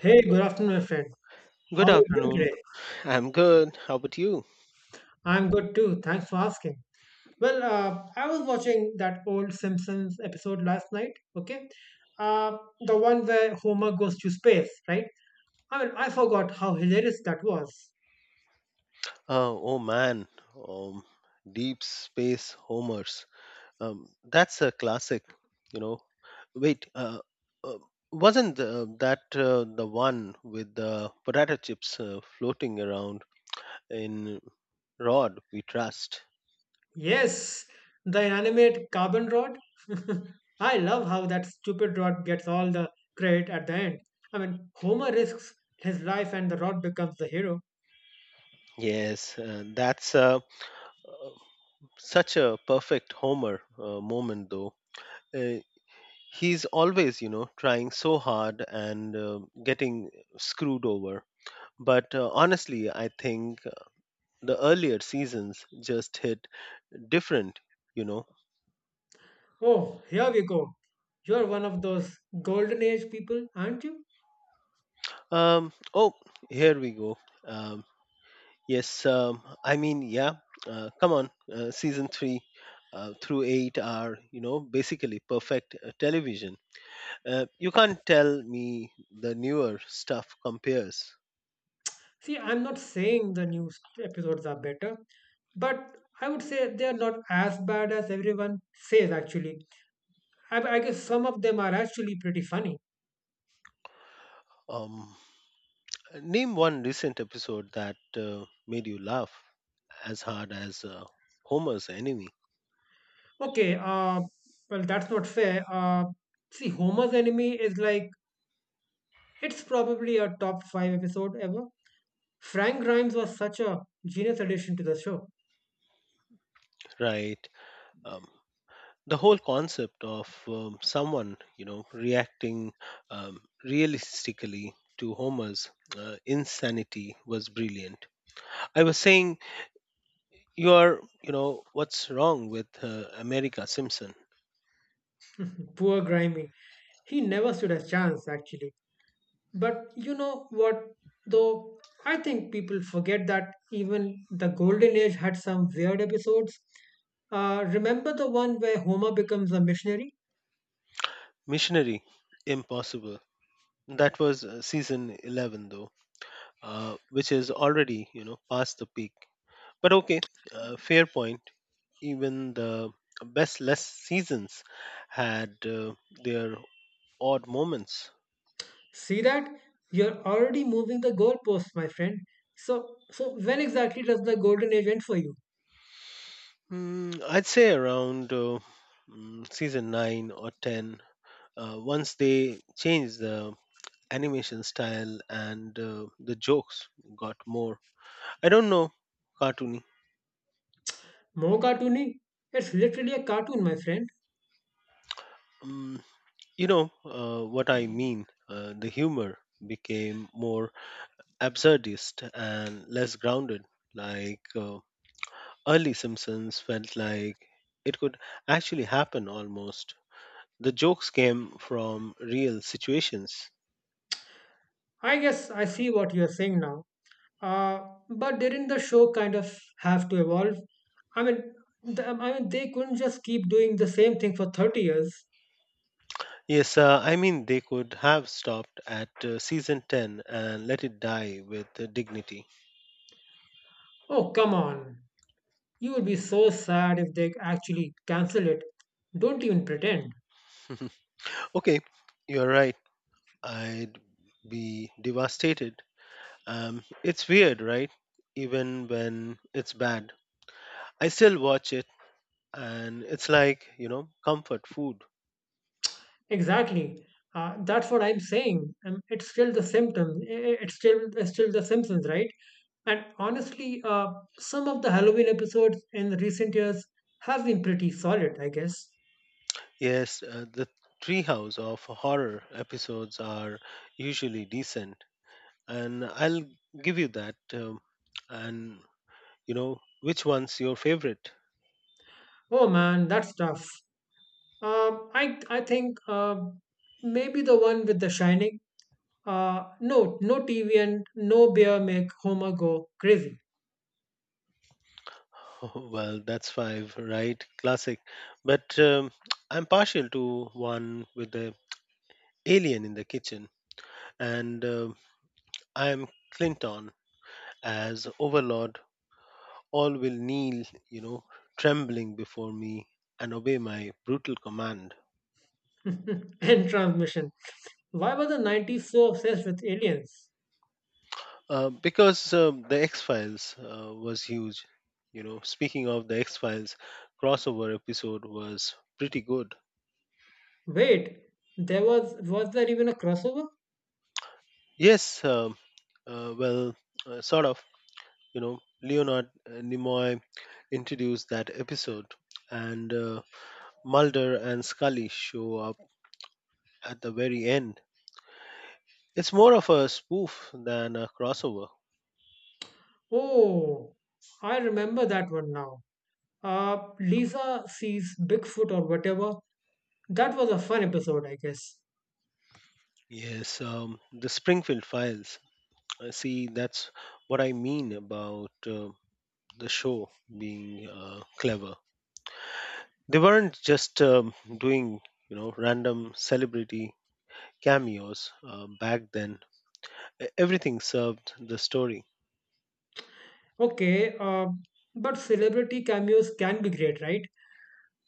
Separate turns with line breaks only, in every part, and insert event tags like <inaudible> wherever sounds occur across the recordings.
Hey, good afternoon, my friend.
Good
How are you doing
afternoon.
today?
I'm good. How about you?
I'm good too. Thanks for asking. Well, I was watching that old Simpsons episode last night. Okay, uh, the one where Homer goes to space, right? I mean, I forgot how hilarious that was.
Oh, oh man, um, Deep Space Homers. That's a classic, you know. Wait, uh, wasn't that the one with the potato chips floating around in Rod We Trust?
Yes, the inanimate carbon rod. <laughs> I love how that stupid rod gets all the credit at the end. I mean, Homer risks his life and the rod becomes the hero.
Yes, that's uh, such a perfect Homer moment, though. Uh, he's always trying so hard and getting screwed over but honestly I think the earlier seasons just hit different you know
Oh, here we go. You're one of those golden age people, aren't you?
um oh here we go. Um yes um i mean yeah, come on, season 3 through 8 are basically perfect television. You can't tell me the newer stuff compares.
See, I'm not saying episodes are better, but I would say they are not as bad as everyone says, actually. I guess some of them are actually pretty funny.
um Name one recent episode that made you laugh as hard as Homer's enemy,
Okay, well, that's not fair. See, Homer's Enemy is like, it's probably a top five episode ever. Frank Grimes was such a genius addition to the show.
right? Um, the whole concept of someone, you know, reacting realistically to Homer's insanity was brilliant. I was saying, you are, you know, what's wrong with America Simpson?
<laughs> Poor Grimy. He never stood a chance, actually. But you know what, though? I think people forget that even the Golden Age had some weird episodes. Remember the one where Homer becomes a missionary?
Missionary, impossible. That was season 11, though, which is already, you know, past the peak. But okay, fair point. Even the best less seasons had their odd moments.
See that? You're already moving the goalposts, my friend. So when exactly does the Golden Age end for you?
I'd say around season 9 or 10, once they changed the animation style and the jokes got more, I don't know, cartoony.
More cartoony? It's literally a cartoon, my friend.
Mm, you know what I mean. The humor became more absurdist and less grounded, like. Early Simpsons felt like it could actually happen almost. The jokes came from real situations.
I guess I see what you're saying now. Uh, but didn't the show kind of have to evolve? I mean, I mean, they couldn't just keep doing the same thing for 30 years.
Yes, I mean, they could have stopped at season 10 and let it die with dignity.
Oh, come on. You would be so sad if they actually cancel it. Don't even pretend.
<laughs> Okay, you're right. I'd be devastated. It's weird, right? Even when it's bad, I still watch it, and it's like, you know, comfort food.
Exactly. That's what I'm saying. It's still the symptom. It's still the Simpsons, right? And honestly, some of the Halloween episodes in recent years have been pretty solid, I guess.
Yes, the treehouse of horror episodes are usually decent, and I'll give you that. And you know, which one's your favorite?
Oh man, that's tough. Um, I I think maybe the one with The Shining. No, no TV and no beer make Homer go crazy.
<laughs> Well, that's five, right? Classic. But I'm partial to one with the alien in the kitchen, and I'm Clinton as overlord. All will kneel, you know, trembling before me and obey my brutal command.
<laughs> End transmission. Why were the 90s so obsessed with aliens?
Because the X Files was huge. You know, speaking of the X Files, crossover episode was pretty good.
Wait, there was there even a crossover?
Yes, well, sort of. You know, Leonard Nimoy introduced that episode, and Mulder and Scully show up at the very end. It's more of a spoof than a crossover.
Oh, I remember that one now. Lisa sees Bigfoot or whatever. That was a fun episode, I guess.
Yes, the Springfield Files. See, that's what I mean about. The show being clever. They weren't just doing random celebrity cameos back then. E- Everything served the story.
Okay, but celebrity cameos can be great, right?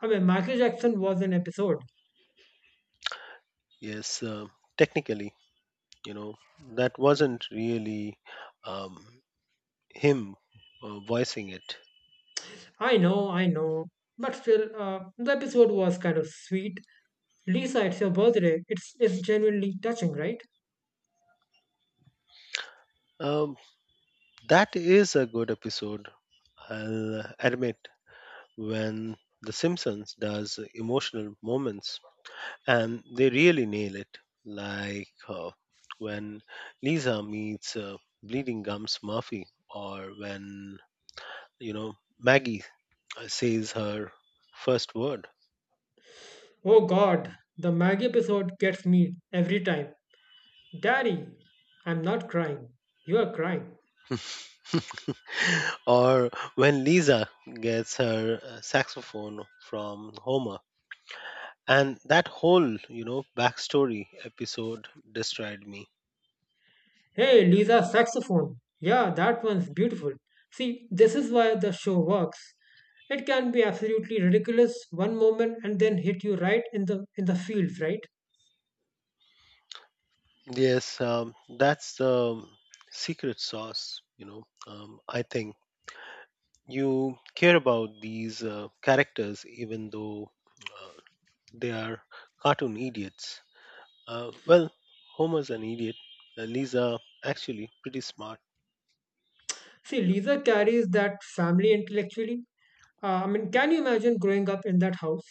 I mean, Michael Jackson was an episode.
Yes, technically, you know that wasn't really um, him voicing it.
I know, I know. But still, the episode was kind of sweet. Lisa, it's your birthday. It's genuinely touching, right?
Um, that is a good episode. I'll admit when The Simpsons does emotional moments and they really nail it. Like when Lisa meets Bleeding Gums Murphy, or when Maggie says her first word,
Oh god, the Maggie episode gets me every time. Daddy, I'm not crying. You are crying.
<laughs> or when Lisa gets her saxophone from Homer. And that whole, you know, backstory episode destroyed me.
Hey, Lisa, saxophone. Yeah, that one's beautiful. See, this is why the show works. It can be absolutely ridiculous one moment and then hit you right in the feels, right?
Yes, that's the secret sauce, I think you care about these characters even though uh, they are cartoon idiots. Well, Homer's an idiot, and Lisa actually pretty smart.
See, Lisa carries that family intellectually. I mean, can you imagine growing up in that house?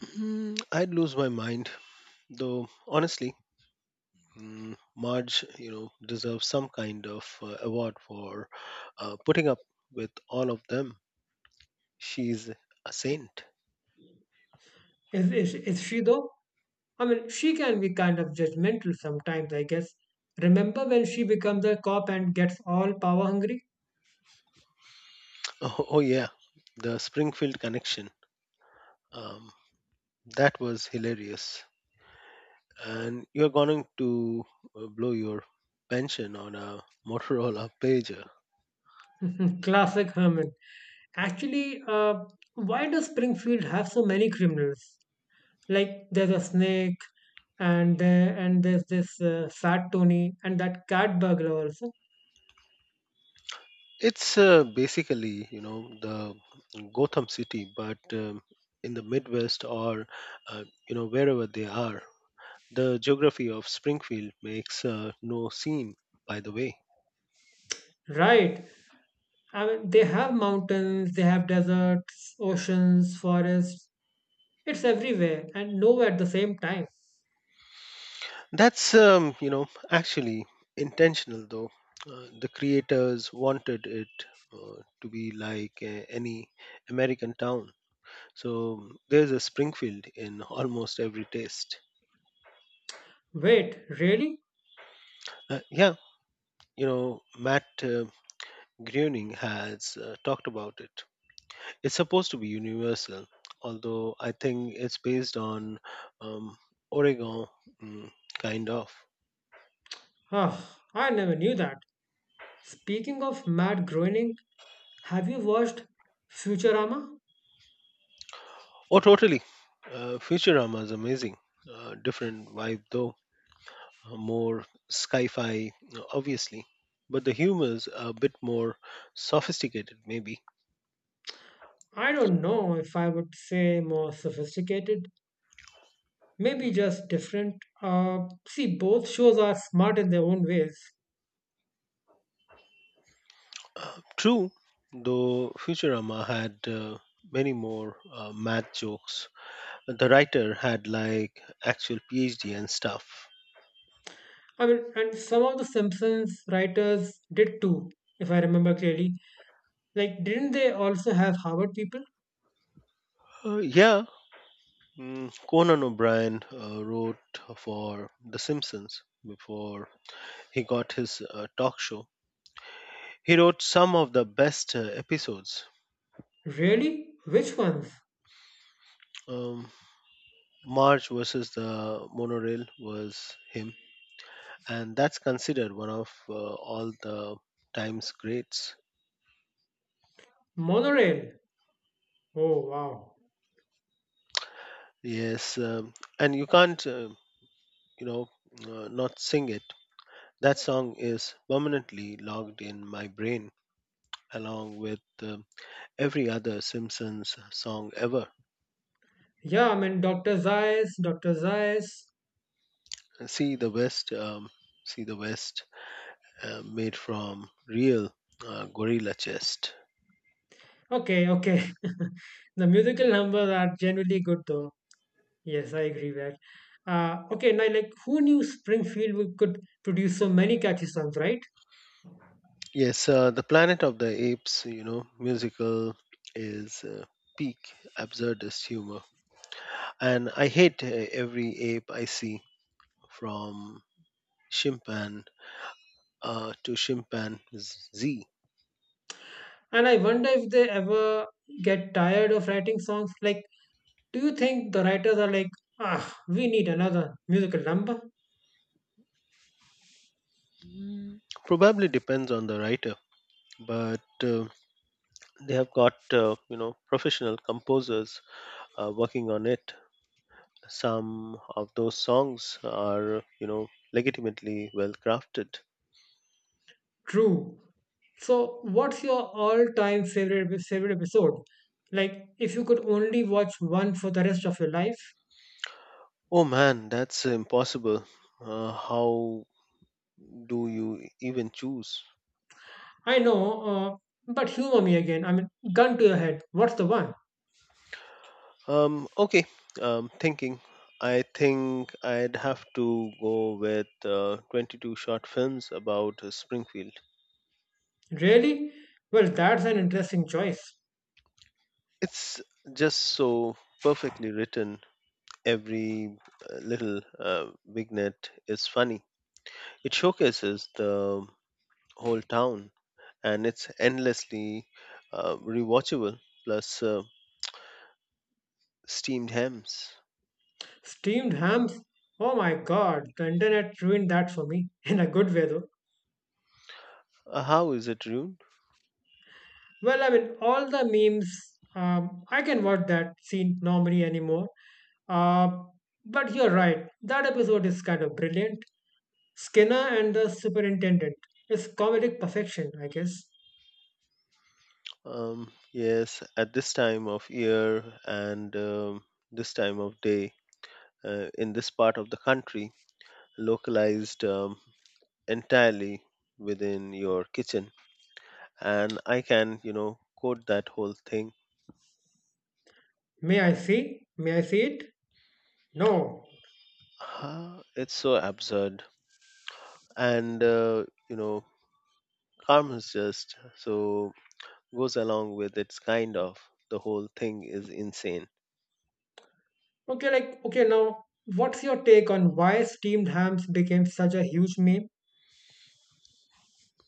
I'd lose my mind, though honestly, Marge, you know, deserves some kind of award for putting up with all of them. She's a saint. <laughs>
Is she though? I mean, she can be kind of judgmental sometimes, I guess. Remember when she becomes a cop and gets all power hungry?
Oh, oh yeah, the Springfield connection. Um, that was hilarious. And you're going to blow your pension on a Motorola pager.
<laughs> Classic Herman. Actually, why does Springfield have so many criminals? Like, there's a snake, and there's this fat Tony, and that cat burglar also.
It's basically, you know, the Gotham City, but in the Midwest or, you know, wherever they are. The geography of Springfield makes no scene, by the way.
Right, I mean, they have mountains, they have deserts, oceans, forests. It's everywhere and nowhere at the same time.
That's, you know, actually intentional, though. The creators wanted it to be like any American town. So there's a Springfield in almost every taste.
Wait, really?
Yeah, you know, Matt Groening has talked about it. It's supposed to be universal, although I think it's based on um, Oregon, mm, kind of.
Ah, I never knew that. Speaking of Matt Groening, have you watched Futurama?
Oh, totally. Futurama is amazing. Different vibe, though. More sci fi, obviously. But the humor's a bit more sophisticated, maybe.
I don't know if I would say more sophisticated, maybe just different. See, both shows are smart in their own ways.
True, though Futurama had many more math jokes. The writer had like actual PhD and stuff.
I mean, and some of the Simpsons writers did too, if I remember clearly. Like, didn't they also have Harvard people?
Yeah, Conan O'Brien wrote for The Simpsons before he got his talk show. He wrote some of the best episodes.
Really? Which ones?
Um, Marge versus the monorail was him, and that's considered one of all the time's greats.
Monorail. Oh, wow.
Yes, and you can't, you know, not sing it. That song is permanently logged in my brain, along with every other Simpsons song ever.
Yeah, I mean, Dr. Zayas, Dr. Zayas.
See the West, um, see the West, made from real gorilla chest.
Okay, okay. <laughs> The musical numbers are generally good, though. Yes, I agree with that. Okay, now, like, who knew could produce so many catchy songs, right?
Yes, the Planet of the Apes, you know, musical is peak absurdist humor, and I hate every ape I see, from chimpan to chimpanzee.
And I wonder if they ever get tired of writing songs. Like, do you think the writers are like, ah, we need another musical number?
Mm. Probably depends on the writer, but they have got you know professional composers working on it. Some of those songs are legitimately well crafted.
True. So, what's your favorite episode? Like, if you could only watch one for the rest of your life?
Oh man, that's impossible. How do you even choose?
I know, but humor me again. I mean, gun to your head. What's the one?
Okay thinking I think I'd have to go with 22 short films about Springfield.
Really? Well, that's an interesting choice.
It's just so perfectly written. Every little vignette is funny. It showcases the whole town and it's endlessly rewatchable, plus steamed hams.
Steamed hams? Oh my god, the internet ruined that for me <laughs> in a good way, though.
How is it rude?
Well, I mean, all the memes. I can watch that scene normally anymore. Uh, but you're right. That episode is kind of brilliant. Skinner and the Superintendent is comedic perfection, I guess.
Yes, at this time of year and this time of day in this part of the country, localized entirely within your kitchen. And I can, you know, quote that whole thing.
May I see? May I see it? No.
Huh, it's so absurd. And, you know, karma is just so goes along with its kind of the whole thing is insane.
Okay, like, okay, now, what's your take on why steamed hams became such a huge meme?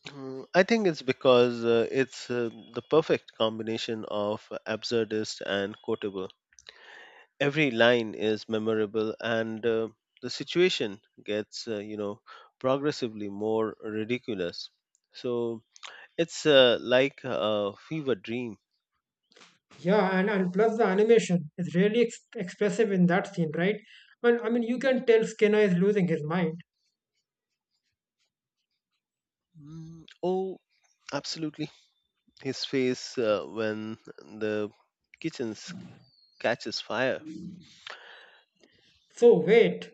I think it's because it's the perfect combination of absurdist and quotable. Every line is memorable, and the situation gets, you know, progressively more ridiculous. So it's like a fever dream.
Yeah, and, plus the animation is really expressive in that scene, right? And I mean, you can tell Skinner is losing his mind.
Oh, absolutely. His face when the kitchen s- catches fire.
So, wait,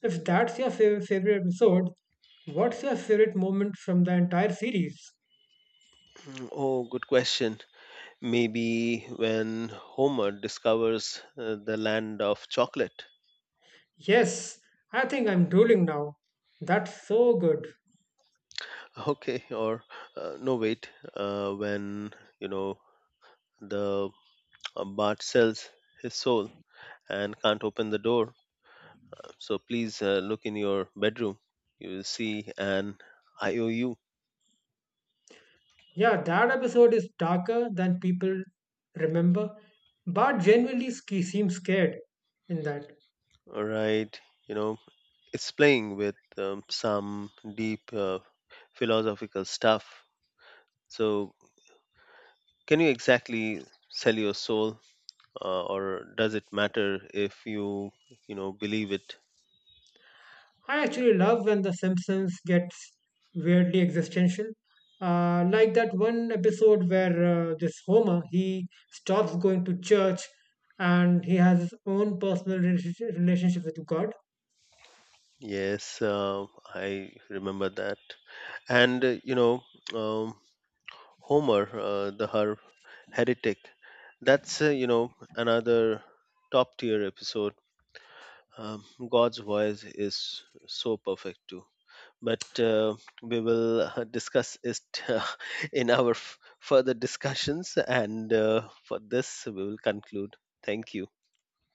if that's your favorite episode, what's your favorite moment from the entire series?
Oh, good question. Maybe when Homer discovers the land of chocolate.
Yes, I think I'm drooling now. That's so good.
<laughs> Okay, or no, wait, when, you know, the Bart sells his soul and can't open the door. So please look in your bedroom. You will see an IOU.
Yeah, that episode is darker than people remember, but genuinely ski seems scared in that.
Right, you know it's playing with some deep philosophical stuff. So can you exactly sell your soul, or does it matter if you you know believe it?
I actually love when The Simpsons gets weirdly existential. Like that one episode where this Homer, he stops going to church and he has his own personal relationship relationship with God.
Yes, I remember that. And um, Homer the heretic, that's another top tier episode. um, God's voice is so perfect too. But we will discuss it <laughs> in our further discussions. And for this, we will conclude. Thank you.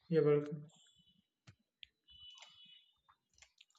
You're welcome.